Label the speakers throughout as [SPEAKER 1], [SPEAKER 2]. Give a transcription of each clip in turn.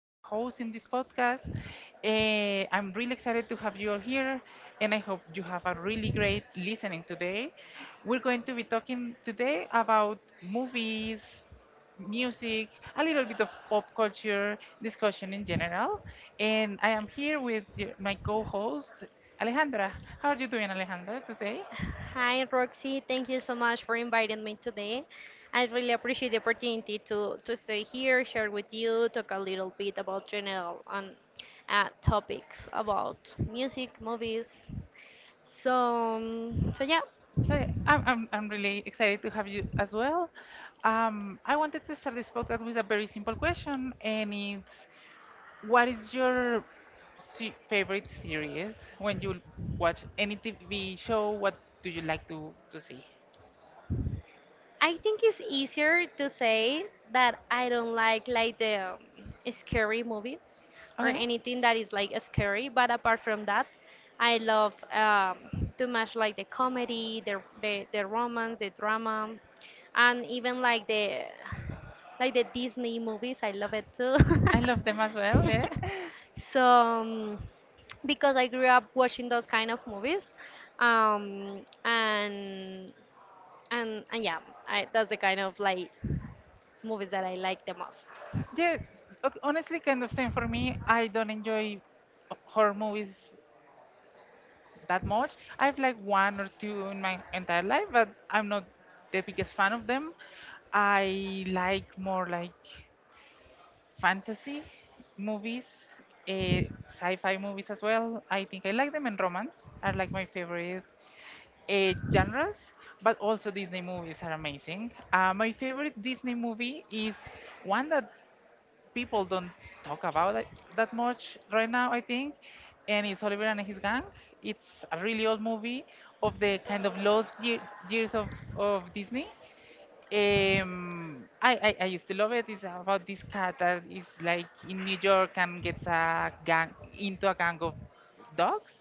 [SPEAKER 1] your host in this podcast. I'm really excited to have you all here, and I hope you have a really great listening today. We're going to be talking today about movies, music, a little bit of pop culture discussion in general. And I am here with my co host, Alejandra. How are you doing, Alejandra, today?
[SPEAKER 2] Hi, Roxy. Thank you so much for inviting me today. I really appreciate the opportunity to stay here, share with you, talk a little bit about general on topics about music, movies. So, um, so yeah.
[SPEAKER 1] So I'm really excited to have you as well. I wanted to start this podcast with a very simple question, and it's what is your favorite series when you watch any TV show? What do you like to see?
[SPEAKER 2] I think it's easier to say that I don't like the scary movies or
[SPEAKER 1] Okay.
[SPEAKER 2] anything that is like scary. But apart from that, I love too much like the comedy, the romance, the drama, and even like the Disney movies. I love it too.
[SPEAKER 1] I love them as well, yeah.
[SPEAKER 2] so um, because I grew up watching those kind of movies, um, and and yeah, that's the kind of like movies that I like the most.
[SPEAKER 1] Yeah, honestly, kind of same for me. I don't enjoy horror movies that much. I've like one or two in my entire life, but I'm not the biggest fan of them. I like more like fantasy movies, sci-fi movies as well. I think I like them, and romance are like my favorite genres. But also Disney movies are amazing. My favorite Disney movie is one that people don't talk about it that much right now, I think. And it's Oliver and his gang. It's a really old movie of the kind of lost years of Disney. I used to love it. It's about this cat that is like in New York and gets a gang of dogs.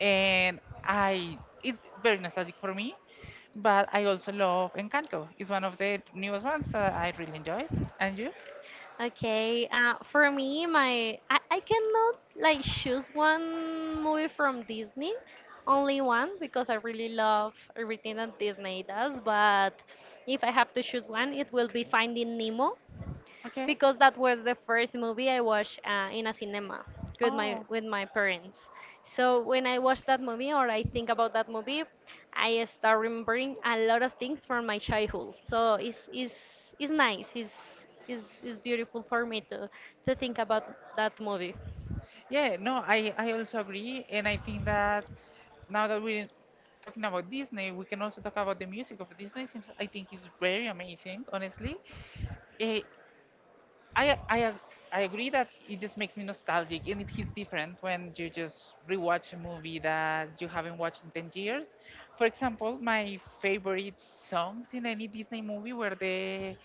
[SPEAKER 1] And I it's very nostalgic for me. But I also love Encanto. It's one of the newest ones that I really enjoyed. And you?
[SPEAKER 2] Okay, for me, I cannot like choose one movie from Disney, only one because I really love everything that Disney does. But if I have to choose one, it will be Finding Nemo,
[SPEAKER 1] Okay.
[SPEAKER 2] because that was the first movie I watched in a cinema
[SPEAKER 1] Oh,
[SPEAKER 2] with my parents. So when I watch that movie or I think about that movie, I start remembering a lot of things from my childhood. So it's nice. It's beautiful for me to think about that movie.
[SPEAKER 1] yeah, no, I also agree. And I think that now that we're talking about Disney, we can also talk about the music of Disney, since I think it's very amazing, honestly. Eh, I, I, ag- I agree that it just makes me nostalgic and it hits different when you just rewatch a movie that you haven't watched in 10 years. For example, my favorite songs in any Disney movie were the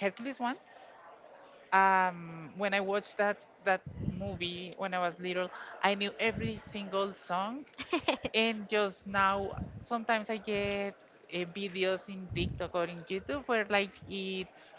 [SPEAKER 1] Hercules ones. When I watched that movie when I was little, I knew every single song. And just now, sometimes I get videos in TikTok or in YouTube where like it's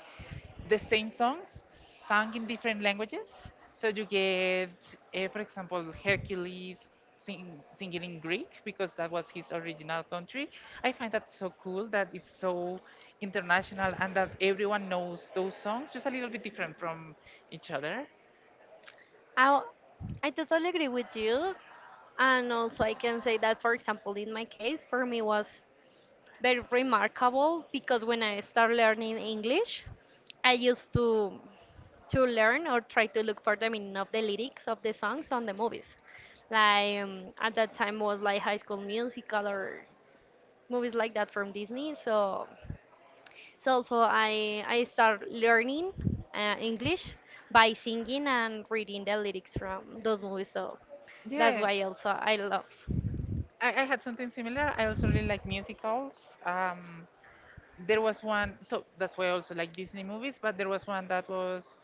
[SPEAKER 1] the same songs sung in different languages. So you get, for example, Hercules singing in Greek because that was his original country. I find that so cool that it's so international and that everyone knows those songs, just a little bit different from each other.
[SPEAKER 2] I I totally agree with you, and also I can say that for example in my case for me was very remarkable because when I start learning English, I used to learn or try to look for the meaning of the lyrics of the songs on the movies. Like at that time was like High School Musical or movies like that from Disney. So so also I start learning English by singing and reading the lyrics from those movies. So that's
[SPEAKER 1] Yeah,
[SPEAKER 2] why also I love.
[SPEAKER 1] I had something similar. I also really like musicals. Um, there was one, so that's why I also like Disney movies, but there was one that was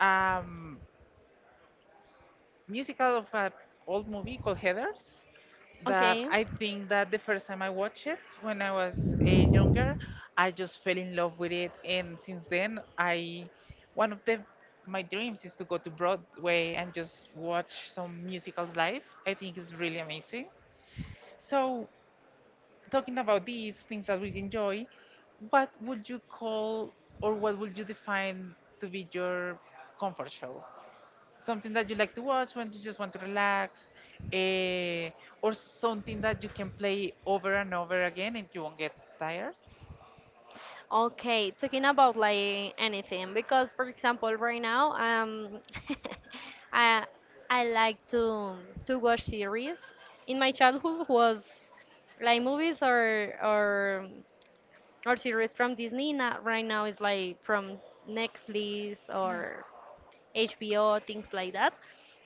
[SPEAKER 1] um, musical of an old movie called Heathers that
[SPEAKER 2] Okay.
[SPEAKER 1] I think that the first time I watched it when I was younger, I just fell in love with it, and since then I one of the my dreams is to go to Broadway and just watch some musicals live. I think it's really amazing. So talking about these things that we enjoy, what would you call or what would you define to be your comfort show? Something that you like to watch when you just want to relax, eh, or something that you can play over and over again and you won't get tired?
[SPEAKER 2] Okay, talking about like anything because for example right now I I like to watch series. In my childhood was like movies or series from Disney. Not right now it's like from Netflix
[SPEAKER 1] No.
[SPEAKER 2] or HBO, things like that.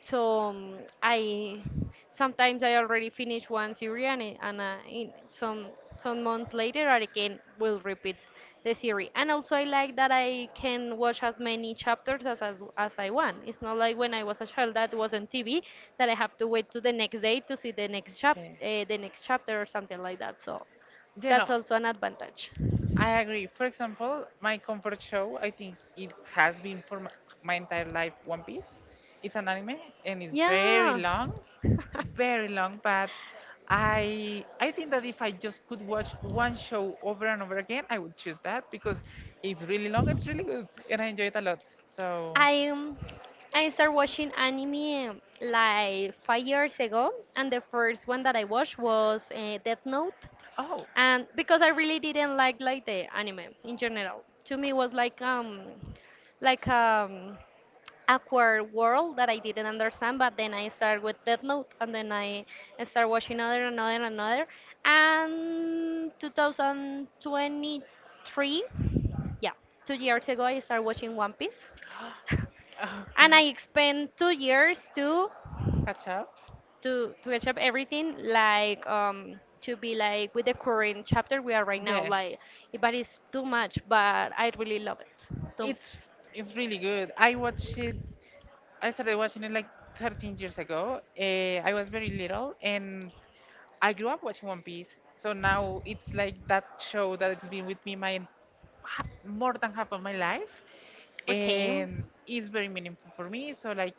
[SPEAKER 2] So um, I sometimes I already finish one series and in some months later I again will repeat the series. And also I like that I can watch as many chapters as I want. It's not like when I was a child that was on TV that I have to wait to the next day to see the next chap the next chapter or something like that. So
[SPEAKER 1] You
[SPEAKER 2] that's
[SPEAKER 1] know,
[SPEAKER 2] also an advantage.
[SPEAKER 1] I agree. For example, my comfort show, I think it has been for my entire life One Piece. It's an anime and it's very
[SPEAKER 2] Yeah.
[SPEAKER 1] long, very long, but I think that if I just could watch one show over and over again, I would choose that because it's really long, it's really good, and I enjoy it a lot. So,
[SPEAKER 2] I um, I started watching anime like 5 years ago, and the first one that I watched was Death Note,
[SPEAKER 1] oh,
[SPEAKER 2] and because I really didn't like
[SPEAKER 1] Okay.
[SPEAKER 2] like the anime in general. To me, it was like awkward world that I didn't understand. But then I started with Death Note, and then I started watching another, another, another, and 2023, yeah, 2 years ago I started watching One Piece, and I spent 2 years too
[SPEAKER 1] Catch up.
[SPEAKER 2] to catch up everything like to be like with the current chapter we are right now
[SPEAKER 1] Yeah.
[SPEAKER 2] like but it's too much but I really love it too.
[SPEAKER 1] It's really good. I watched it. I started watching it like 13 years ago. I was very little, and I grew up watching One Piece, so now it's like that show that it's been with me more than half of my life,
[SPEAKER 2] Okay,
[SPEAKER 1] and it's very meaningful for me. So like,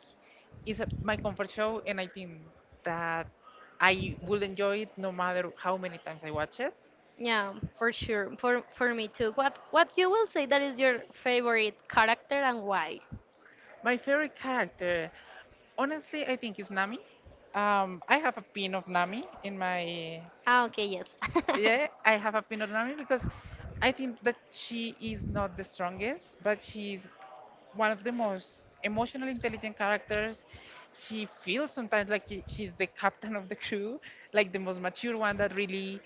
[SPEAKER 1] it's a, my comfort show, and I think that I will enjoy it no matter how many times I watch it.
[SPEAKER 2] yeah, for sure. For me too. What you will say that is your favorite character and why?
[SPEAKER 1] My favorite character, honestly, I think is Nami. I have a pin of Nami in my
[SPEAKER 2] Ah, okay, yes.
[SPEAKER 1] yeah, I have a pin of Nami because I think that she is not the strongest, but she's one of the most emotionally intelligent characters. She feels sometimes like she's the captain of the crew, like the most mature one that really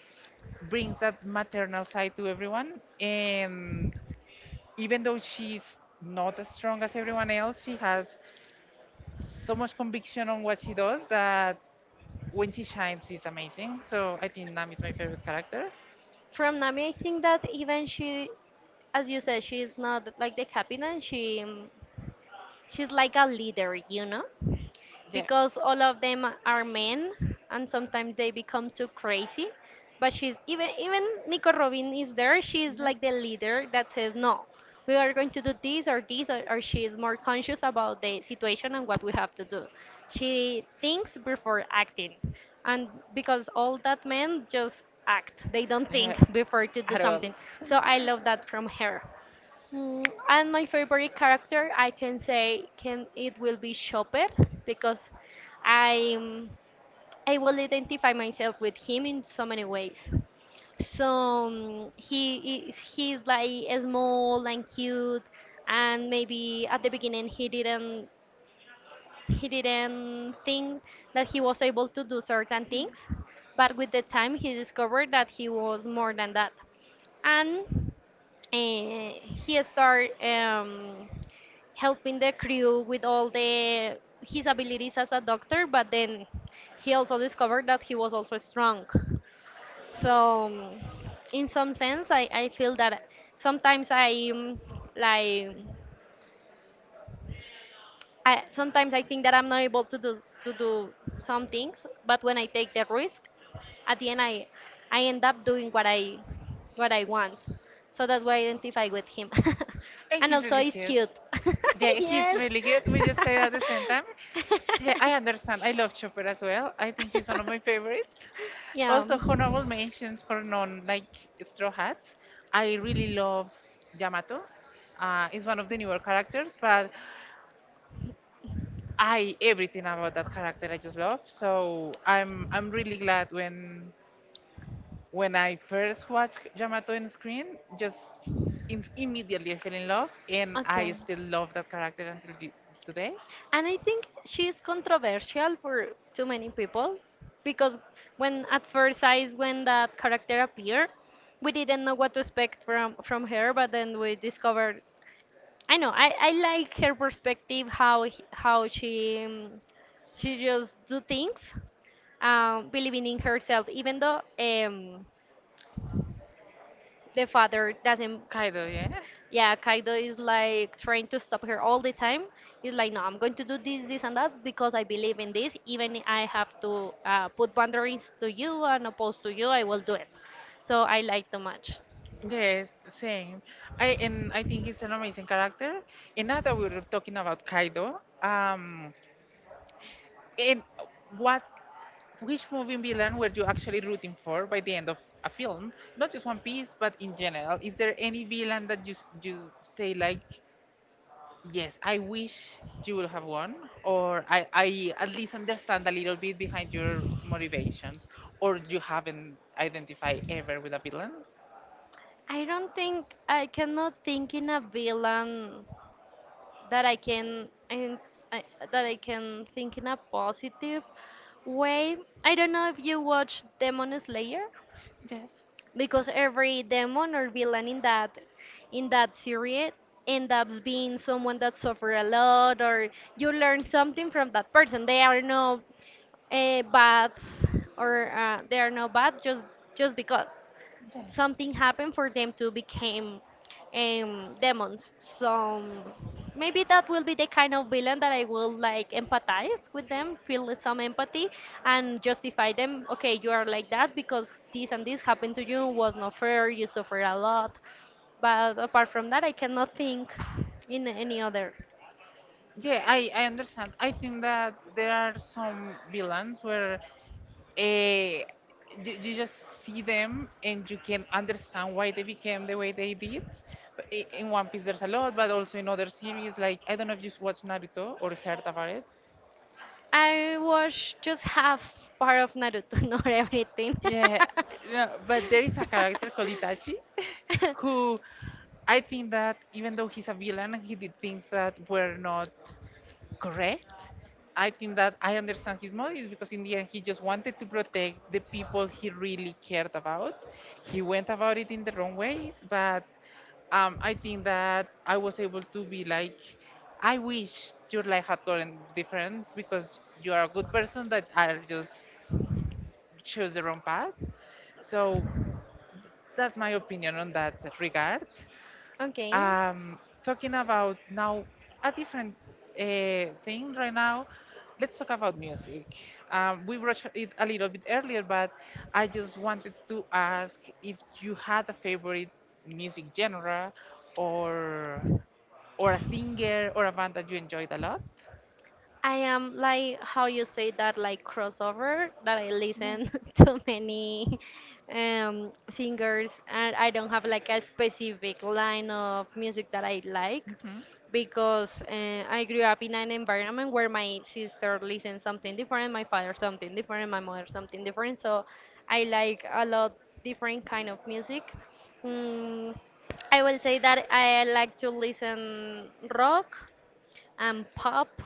[SPEAKER 1] brings that maternal side to everyone. And even though she's not as strong as everyone else, she has so much conviction on what she does that when she shines, she's amazing. So I think Nam is my favorite character.
[SPEAKER 2] From Nami, I think that even she, as you said, she's not like the captain. She's like a leader, you know, because all of them are men and sometimes they become too crazy. But she's even Nico Robin is there. She's
[SPEAKER 1] Yeah.
[SPEAKER 2] like the leader that says no. We are going to do this or this, or she is more conscious about the situation and what we have to do. She thinks before acting, and because all that men just act, they don't
[SPEAKER 1] Uh,
[SPEAKER 2] think before to do
[SPEAKER 1] at all.
[SPEAKER 2] something. So I love that from her. Mm, and my favorite character, I can say, can it will be Chopper because I um, I will identify myself with him in so many ways. So he's like small and cute, and maybe at the beginning he didn't think that he was able to do certain things, but with the time he discovered that he was more than that. And uh, he started helping the crew with all the his abilities as a doctor, but then he also discovered that he was also strong. So, in some sense, I feel that sometimes I um, like sometimes I think that I'm not able to do some things, but when I take the risk, at the end I end up doing what I want. So that's why I identify with him.
[SPEAKER 1] And
[SPEAKER 2] And
[SPEAKER 1] he's
[SPEAKER 2] also
[SPEAKER 1] really
[SPEAKER 2] he's
[SPEAKER 1] cute.
[SPEAKER 2] cute.
[SPEAKER 1] Yeah, he's
[SPEAKER 2] Yes.
[SPEAKER 1] really good. We just say that at the same time. Yeah, I understand. I love Chopper as well. I think he's one of my favorites.
[SPEAKER 2] Yeah.
[SPEAKER 1] Also, honorable mentions for non like Straw Hats. I really love Yamato. He's one of the newer characters, but I everything about that character I just love. So I'm really glad when I first watched Yamato in screen, just immediately I fell in love, and I
[SPEAKER 2] Okay.
[SPEAKER 1] still love that character until today.
[SPEAKER 2] And I think she is controversial for too many people because when at first eyes when that character appeared, we didn't know what to expect from her, but then we discovered. I know I like her perspective. How she just do things, believing in herself even though, the father doesn't.
[SPEAKER 1] Kaido, yeah.
[SPEAKER 2] Yeah, Kaido is like trying to stop her all the time. He's like, no, I'm going to do this, this, and that because I believe in this. Even I have to put boundaries to you and opposed to you, I will do it. So I like too much.
[SPEAKER 1] Yes, same. I and I think it's an amazing character. And now that we're talking about Kaido, and what Which movie villain were you actually rooting for by the end of a film? Not just One Piece, but in general. Is there any villain that you you say like, yes, I wish you would have won, or I at least understand a little bit behind your motivations, or you haven't identified ever with a villain?
[SPEAKER 2] I don't think. I cannot think in a villain that I can I, I, that I can think in a positive way. I don't know if you watch Demon Slayer,
[SPEAKER 1] Yes.
[SPEAKER 2] because every demon or villain in that series end up being someone that suffer a lot or you learn something from that person. They are no bad, or they are not bad just because
[SPEAKER 1] Yeah.
[SPEAKER 2] something happened for them to become, demons. So maybe that will be the kind of villain that I will like empathize with them, feel some empathy, and justify them. Okay, you are like that because this and this happened to you, was not fair. You suffered a lot, but apart from that, I cannot think in any other.
[SPEAKER 1] Yeah, I understand. I think that there are some villains where eh, you, you just see them and you can understand why they became the way they did. But in One Piece, there's a lot, but also in other series, like I don't know if you've watched Naruto or heard about it.
[SPEAKER 2] I watched just half part of Naruto, not everything.
[SPEAKER 1] Yeah, no, but there is a character called Itachi who I think that even though he's a villain, he did things that were not correct. I think that I understand his motives because in the end he just wanted to protect the people he really cared about. He went about it in the wrong ways, but I think that I was able to be like, I wish your life had gotten different because you are a good person that I just chose the wrong path. So that's my opinion on that regard.
[SPEAKER 2] Okay.
[SPEAKER 1] Um, Talking about now a different thing right now, let's talk about music. We brushed it a little bit earlier, but I just wanted to ask if you had a favorite music genre or or a singer or a band that you enjoyed a lot.
[SPEAKER 2] I am like how you say that like crossover, that I
[SPEAKER 1] Yeah.
[SPEAKER 2] listen to many singers, and I don't have like a specific line of music that I like
[SPEAKER 1] Hmm.
[SPEAKER 2] because I grew up in an environment where my sister listens something different, my father something different, my mother something different. So I like a lot different kind of music. Mm, I will say that I like to listen rock and pop,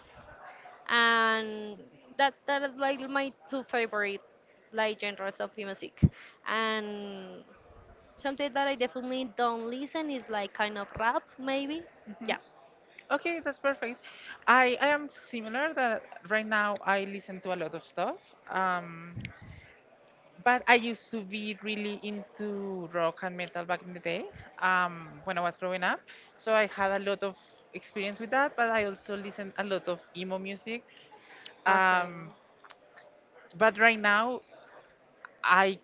[SPEAKER 2] and that is like my two favorite like genres of music, and something that I definitely don't listen is like kind of rap, maybe.
[SPEAKER 1] Hmm.
[SPEAKER 2] Yeah.
[SPEAKER 1] Okay, that's perfect. I am similar that right now I listen to a lot of stuff. Um, but I used to be really into rock and metal back in the day when I was growing up. So I had a lot of experience with that, but I also listened a lot of emo music. Um, but right now, I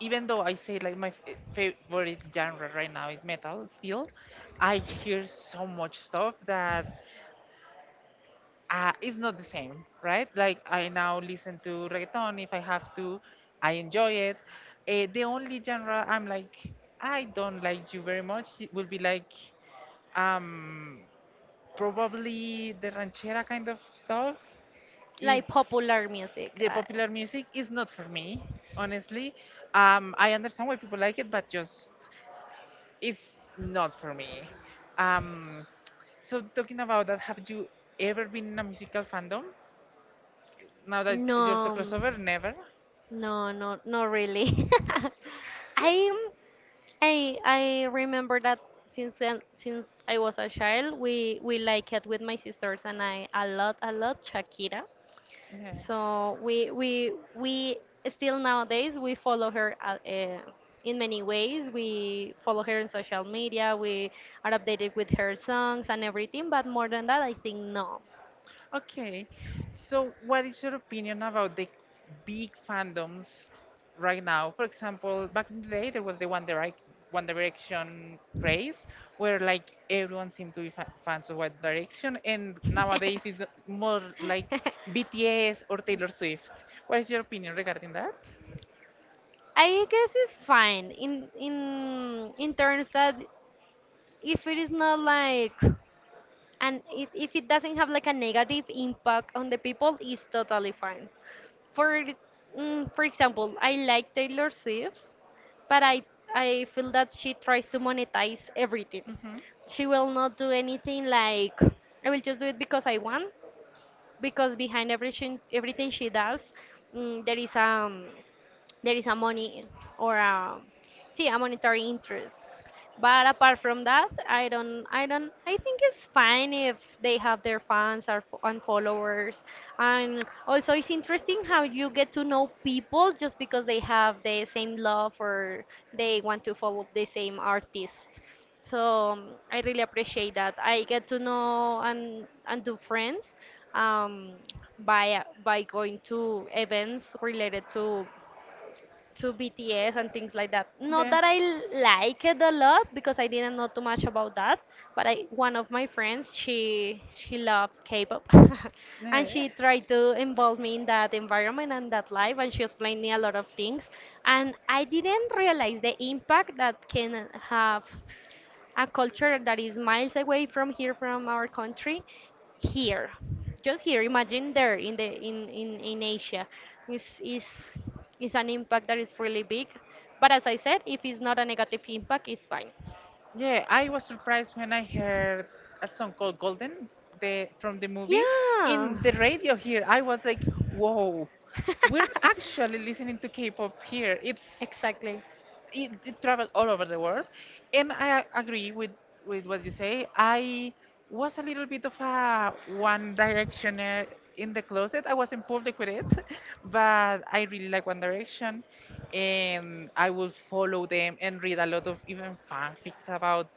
[SPEAKER 1] even though I say like my favorite genre right now is metal, still, I hear so much stuff that is not the same, right? Like I now listen to reggaeton if I have to, I enjoy it. The only genre I'm like I don't like you very much it will be like um probably the ranchera kind of stuff.
[SPEAKER 2] Like
[SPEAKER 1] It's
[SPEAKER 2] popular music.
[SPEAKER 1] yeah, popular music is not for me, honestly. I understand why people like it, but just it's not for me. Um, so talking about that, have you ever been in a musical fandom? Now that you're so
[SPEAKER 2] No. um,
[SPEAKER 1] crossover, never.
[SPEAKER 2] no, not really. I am. I remember that since I was a child, we like it with my sisters and I, a lot, a lot, Shakira.
[SPEAKER 1] Yeah.
[SPEAKER 2] So we still nowadays we follow her in many ways. We follow her in social media. We are updated with her songs and everything. But more than that, I think no.
[SPEAKER 1] Okay, so what is your opinion about the big fandoms right now? For example, back in the day, there was One Direction craze, where like everyone seemed to be fans of One Direction, and nowadays it's more like BTS or Taylor Swift. What is your opinion regarding that?
[SPEAKER 2] I guess it's fine in terms that if it is not like, and if it doesn't have like a negative impact on the people, it's totally fine. For mm, for example, I like Taylor Swift, but I feel that she tries to monetize everything.
[SPEAKER 1] Hmm.
[SPEAKER 2] She will not do anything like, I will just do it because I want, because behind everything she does, mm, there is a money or a, see a monetary interest. But apart from that, I think it's fine if they have their fans or and followers. And also it's interesting how you get to know people just because they have the same love, or they want to follow the same artist. So I really appreciate that I get to know and do friends um by going to events related to BTS and things like that. Not
[SPEAKER 1] Yeah.
[SPEAKER 2] that I like it a lot because I didn't know too much about that, but I, one of my friends, she loves K-pop, and she tried to involve me in that environment and that life, and she explained me a
[SPEAKER 1] Yeah.
[SPEAKER 2] lot of things, and I didn't realize the impact that can have a culture that is miles away from here, from our country here, just here. Imagine there in the in Asia is is is an impact that is really big. But as I said, if it's not a negative impact, it's fine.
[SPEAKER 1] Yeah, I was surprised when I heard a song called Golden from the movie
[SPEAKER 2] Yeah.
[SPEAKER 1] in the radio here. I was like, whoa, we're actually listening to K pop here. It's
[SPEAKER 2] Exactly.
[SPEAKER 1] it traveled all over the world. And I agree with what you say. I was a little bit of a One Directioner in the closet. I was in public with it, but I really like One Direction. And I will follow them and read a lot of even fanfics about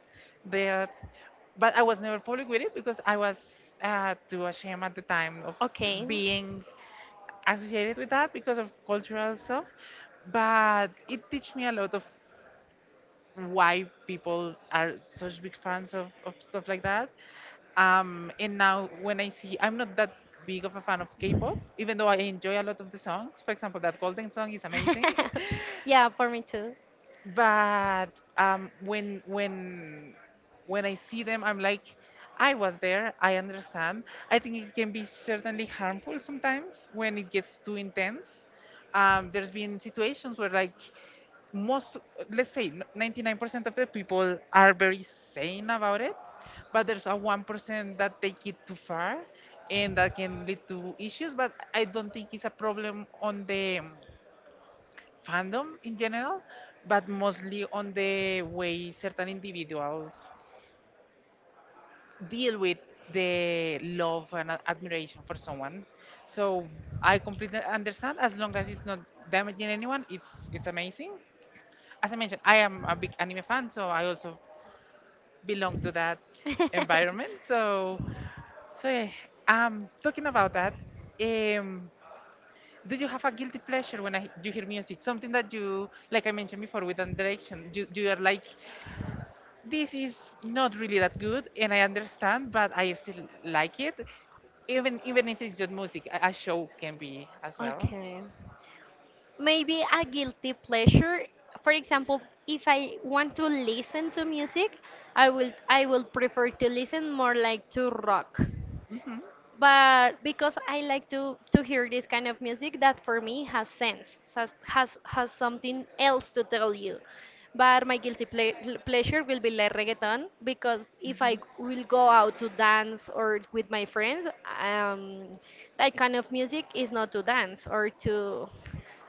[SPEAKER 1] that. But I was never public with it because I was too ashamed at the time of
[SPEAKER 2] Okay.
[SPEAKER 1] being associated with that because of cultural stuff, but it teach me a lot of why people are such big fans of stuff like that. And now when I see, I'm not that big of a fan of K-pop, even though I enjoy a lot of the songs. For example, that Golden song is amazing.
[SPEAKER 2] Yeah, for me too.
[SPEAKER 1] But um, when when when I see them, I'm like, I was there. I understand. I think it can be certainly harmful sometimes when it gets too intense. There's been situations where like most, let's say, 99% of the people are very sane about it, but there's a 1% that take it too far, and that can lead to issues. But I don't think it's a problem on the fandom in general, but mostly on the way certain individuals deal with the love and admiration for someone. So I completely understand, as long as it's not damaging anyone, it's amazing. As I mentioned, I am a big anime fan, so I also belong to that environment. So yeah, talking about that, um do you have a guilty pleasure when you hear music? Something that you, like I mentioned before, with an direction, you are like, this is not really that good and I understand, but I still like it. Even if it's just music, a show can be as well.
[SPEAKER 2] Okay. Maybe a guilty pleasure. For example, if I want to listen to music, I will prefer to listen more like to rock.
[SPEAKER 1] Hmm
[SPEAKER 2] But because I like to hear this kind of music that for me has sense, has something else to tell you. But my guilty ple pleasure will be like reggaeton because if I will go out to dance or with my friends, um, that kind of music is not to dance or to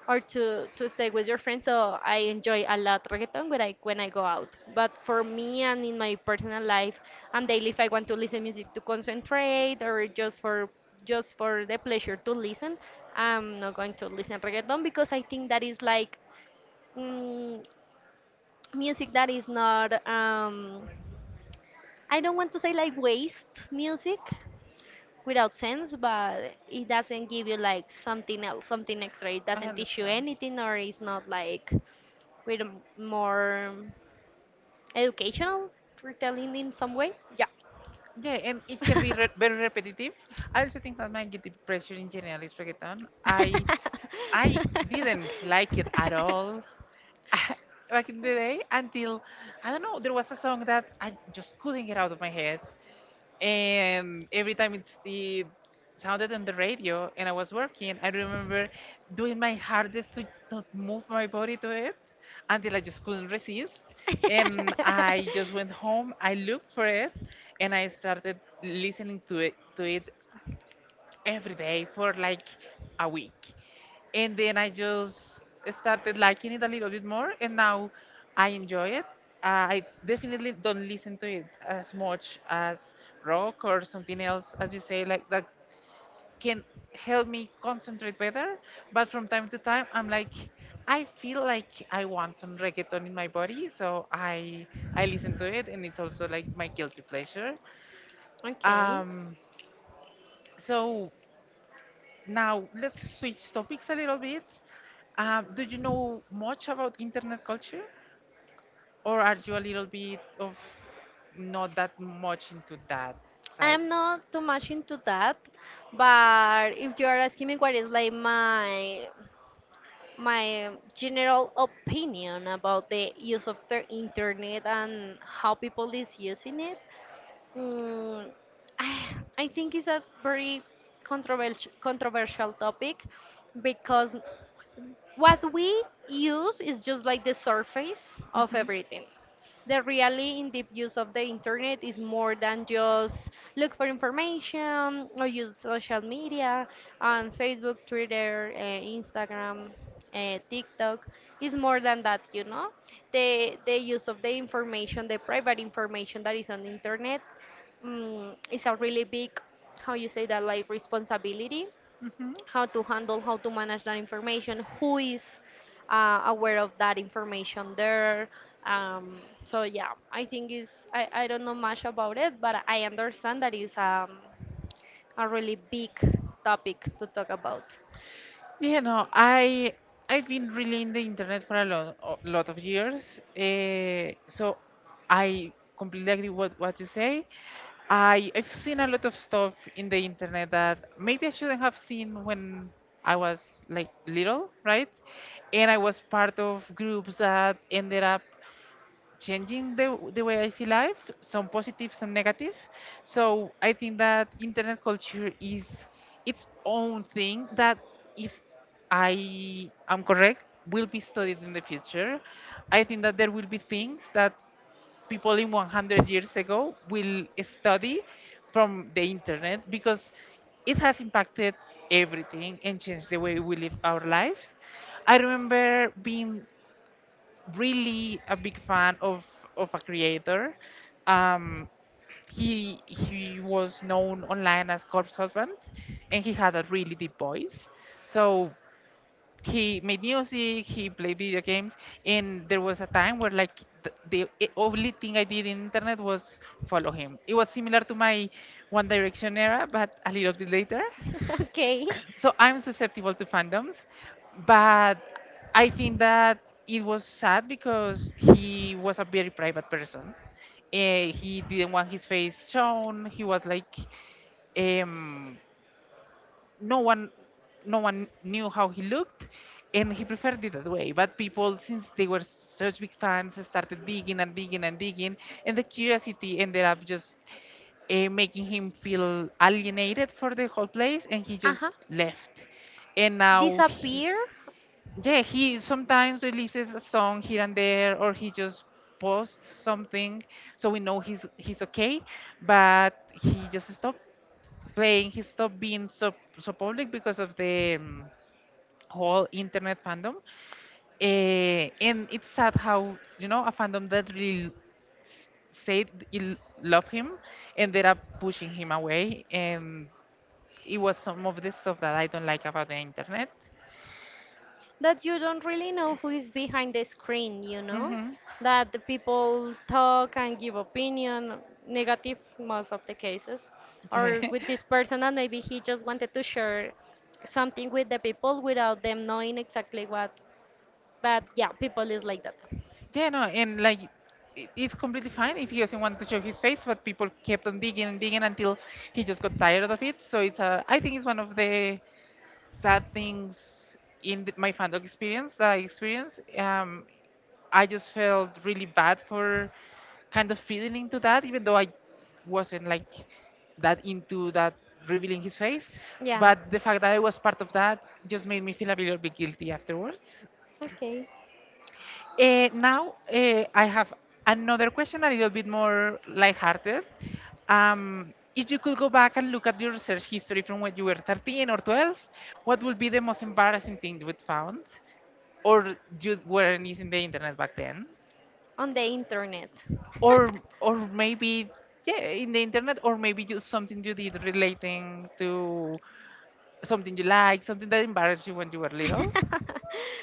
[SPEAKER 2] or to stay with your friends. So I enjoy a lot reggaeton when I go out. But for me and in my personal life and daily, if I want to listen music to concentrate or just for the pleasure to listen, I'm not going to listen reggaeton because I think that is like mm, music that is not I don't want to say like waste music without sense, but it doesn't give you like something else, something extra. It
[SPEAKER 1] I
[SPEAKER 2] doesn't teach you
[SPEAKER 1] understand.
[SPEAKER 2] anything, or it's not like with a more educational retelling in some way. Yeah.
[SPEAKER 1] Yeah, and it can be re very repetitive. I also think that my guilty pleasure in general is reggaeton. I didn't like it at all back in the day until, I don't know, there was a song that I just couldn't get out of my head, and every time it sounded on the radio and I was working, I remember doing my hardest to not move my body to it until I just couldn't resist. And I just went home, I looked for it, and I started listening to it every day for like a week. And then I just started liking it a little bit more, and now I enjoy it. I definitely don't listen to it as much as rock or something else, as you say, like that can help me concentrate better. But from time to time, I'm like, I feel like I want some reggaeton in my body, so I listen to it, and it's also like my guilty pleasure.
[SPEAKER 2] Okay.
[SPEAKER 1] Um, so now, let's switch topics a little bit. Do you know much about internet culture, or are you a little bit of not that much into that side?
[SPEAKER 2] I'm not too much into that, but if you are asking me what is like my general opinion about the use of the internet and how people is using it, Mm, I, I think it's a very controversial topic because what we use is just like the surface of
[SPEAKER 1] Hmm
[SPEAKER 2] everything. The really in depth use of the internet is more than just look for information or use social media on Facebook, Twitter, Instagram, TikTok. It's more than that, you know. The use of the information, the private information that is on the internet, is a really big, how you say that, like responsibility
[SPEAKER 1] hmm
[SPEAKER 2] how to handle, how to manage that information, who is aware of that information there. Um, so yeah, I think I don't know much about it, but I understand that is a really big topic to talk about.
[SPEAKER 1] You know, I've been really in the internet for a lot of years. So I completely agree with what you say. I've seen a lot of stuff in the internet that maybe I shouldn't have seen when I was like little, right? And I was part of groups that ended up changing the way I see life, some positive, some negative. So I think that internet culture is its own thing that, if I am correct, will be studied in the future. I think that there will be things that people in 100 years ago will study from the internet because it has impacted everything and changed the way we live our lives. I remember being really a big fan of a creator. Um, he was known online as Corpse Husband, and he had a really deep voice. So he made music, he played video games, and there was a time where like only thing I did in internet was follow him. It was similar to my One Direction era, but a little bit later,
[SPEAKER 2] Okay.
[SPEAKER 1] so I'm susceptible to fandoms, but I think that it was sad because he was a very private person. Eh, he didn't want his face shown. He was like, um, no one, no one knew how he looked, and he preferred it that way. But people, since they were such big fans, started digging and digging and digging, and the curiosity ended up just making him feel alienated for the whole place, and he
[SPEAKER 2] Uh huh.
[SPEAKER 1] just left. And now he,
[SPEAKER 2] Disappear.
[SPEAKER 1] yeah, he sometimes releases a song here and there, or he just posts something, so we know he's okay. But he just stopped playing, he stopped being so public because of the whole internet fandom. Eh, and it's sad how, you know, a fandom that really s- said it l- love him ended up pushing him away, and it was some of the stuff that I don't like about the internet.
[SPEAKER 2] That you don't really know who is behind the screen, you know?
[SPEAKER 1] Mm-hmm.
[SPEAKER 2] That the people talk and give opinion, negative most of the cases.
[SPEAKER 1] Yeah.
[SPEAKER 2] Or with this person and maybe he just wanted to share something with the people without them knowing exactly what. But yeah, people is like that.
[SPEAKER 1] Yeah, no, and like it's completely fine if he doesn't want to show his face, but people kept on digging and digging until he just got tired of it. So it's a, I think it's one of the sad things in my fandom experience that I experienced. I just felt really bad for kind of feeding into that, even though I wasn't like that into that revealing his face.
[SPEAKER 2] Yeah.
[SPEAKER 1] But the fact that I was part of that just made me feel a little bit guilty afterwards.
[SPEAKER 2] Okay.
[SPEAKER 1] Now I have another question, a little bit more lighthearted. If you could go back and look at your search history from when you were 13 or 12, what would be the most embarrassing thing you would found? Or you weren't using the internet back then?
[SPEAKER 2] On the internet.
[SPEAKER 1] or or maybe yeah, in the internet, or maybe you something you did relating to something you like, something that embarrassed you when you were little.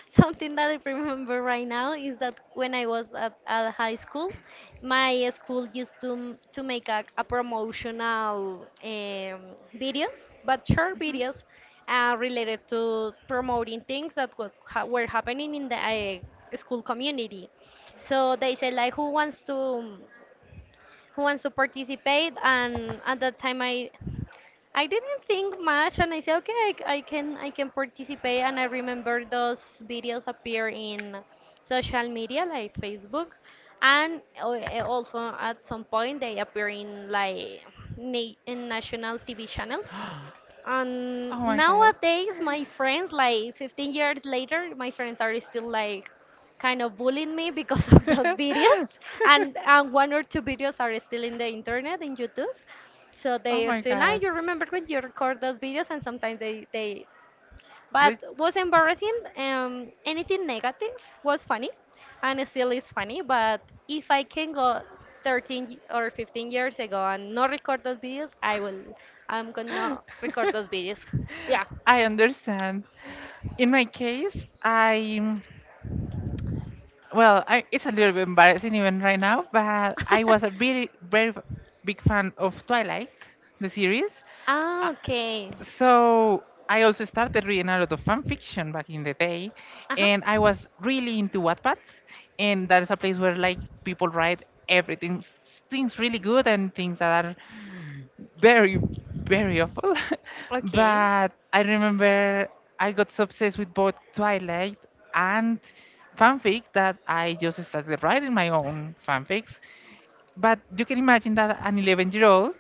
[SPEAKER 2] Something that I remember right now is that when I was at high school, my school used to make a promotional videos, but short videos related to promoting things that were happening in the school community. So they said like, who wants to participate? And at that time, I didn't think much, and I said, okay, I can participate. And I remember those videos appear in social media like Facebook, and also at some point they appear in like in national TV channels. And
[SPEAKER 1] Oh my god
[SPEAKER 2] nowadays, my friends, like 15 years later, my friends are still like kind of bullied me because of those videos and one or two videos are still in the internet in YouTube, so
[SPEAKER 1] oh
[SPEAKER 2] they
[SPEAKER 1] my
[SPEAKER 2] still like
[SPEAKER 1] god
[SPEAKER 2] you remember when you record those videos and sometimes they but
[SPEAKER 1] Like,
[SPEAKER 2] was embarrassing, um, anything negative, was funny and it still is funny. But if I can go 13 or 15 years ago and not record those videos, I will, I'm gonna record those videos. Yeah.
[SPEAKER 1] I understand. In my case, I well, I, it's a little bit embarrassing even right now, but I was a very big fan of Twilight, the series.
[SPEAKER 2] Ah, okay.
[SPEAKER 1] So I also started reading a lot of fan fiction back in the day,
[SPEAKER 2] Uh huh.
[SPEAKER 1] and I was really into Wattpad, and that is a place where like people write everything, things really good and things that are very, very awful.
[SPEAKER 2] Okay.
[SPEAKER 1] But I remember I got so obsessed with both Twilight and fanfic that I just started writing my own fanfics. But you can imagine that an 11-year-old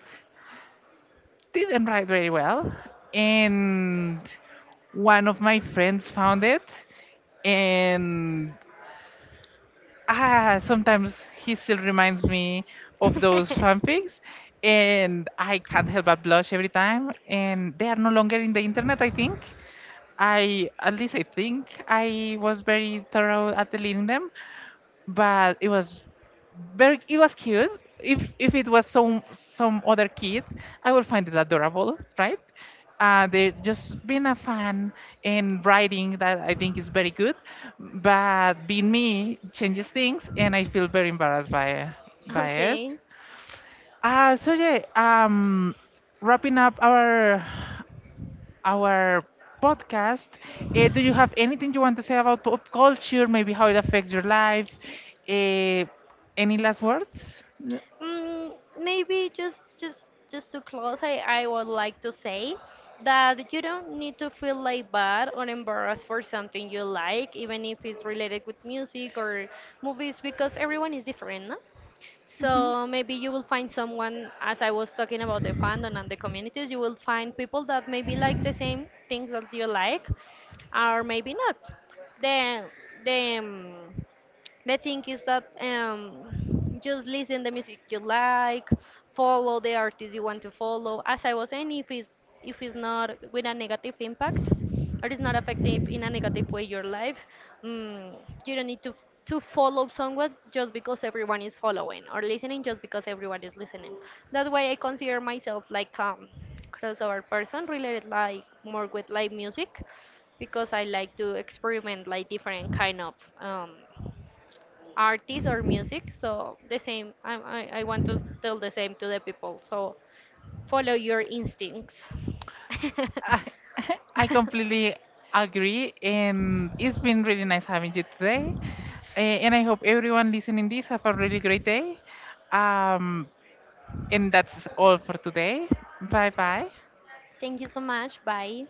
[SPEAKER 1] didn't write very well. And one of my friends found it. And ah, sometimes he still reminds me of those fanfics. And I can't help but blush every time. And they are no longer in the internet, I think. I, at least I think I was very thorough at deleting them, but it was very, it was cute. If it was some other kid, I would find it adorable, right? Uh, they just being a fan and writing that, I think is very good, but being me changes things and I feel very embarrassed by it.
[SPEAKER 2] Okay.
[SPEAKER 1] So wrapping up our our podcast, do you have anything you want to say about pop culture, maybe how it affects your life, uh, any last words?
[SPEAKER 2] Maybe just to close, I would like to say that you don't need to feel like bad or embarrassed for something you like, even if it's related with music or movies, because everyone is different, no? So maybe you will find someone, as I was talking about the fandom and the communities, you will find people that maybe like the same things that you like, or maybe not. The the um, the thing is that just listen the music you like, follow the artist you want to follow. As I was saying, if it's not with a negative impact, or it's not affecting in a negative way your life, mm, you don't need to follow someone just because everyone is following or listening just because everyone is listening. That's why I consider myself like crossover person related like more with live music because I like to experiment like different kind of um, artists or music. So the same, I want to tell the same to the people. So follow your instincts.
[SPEAKER 1] I, I completely agree, and it's been really nice having you today. And I hope everyone listening this have a really great day. Um, and that's all for today. Bye bye.
[SPEAKER 2] Thank you so much. Bye.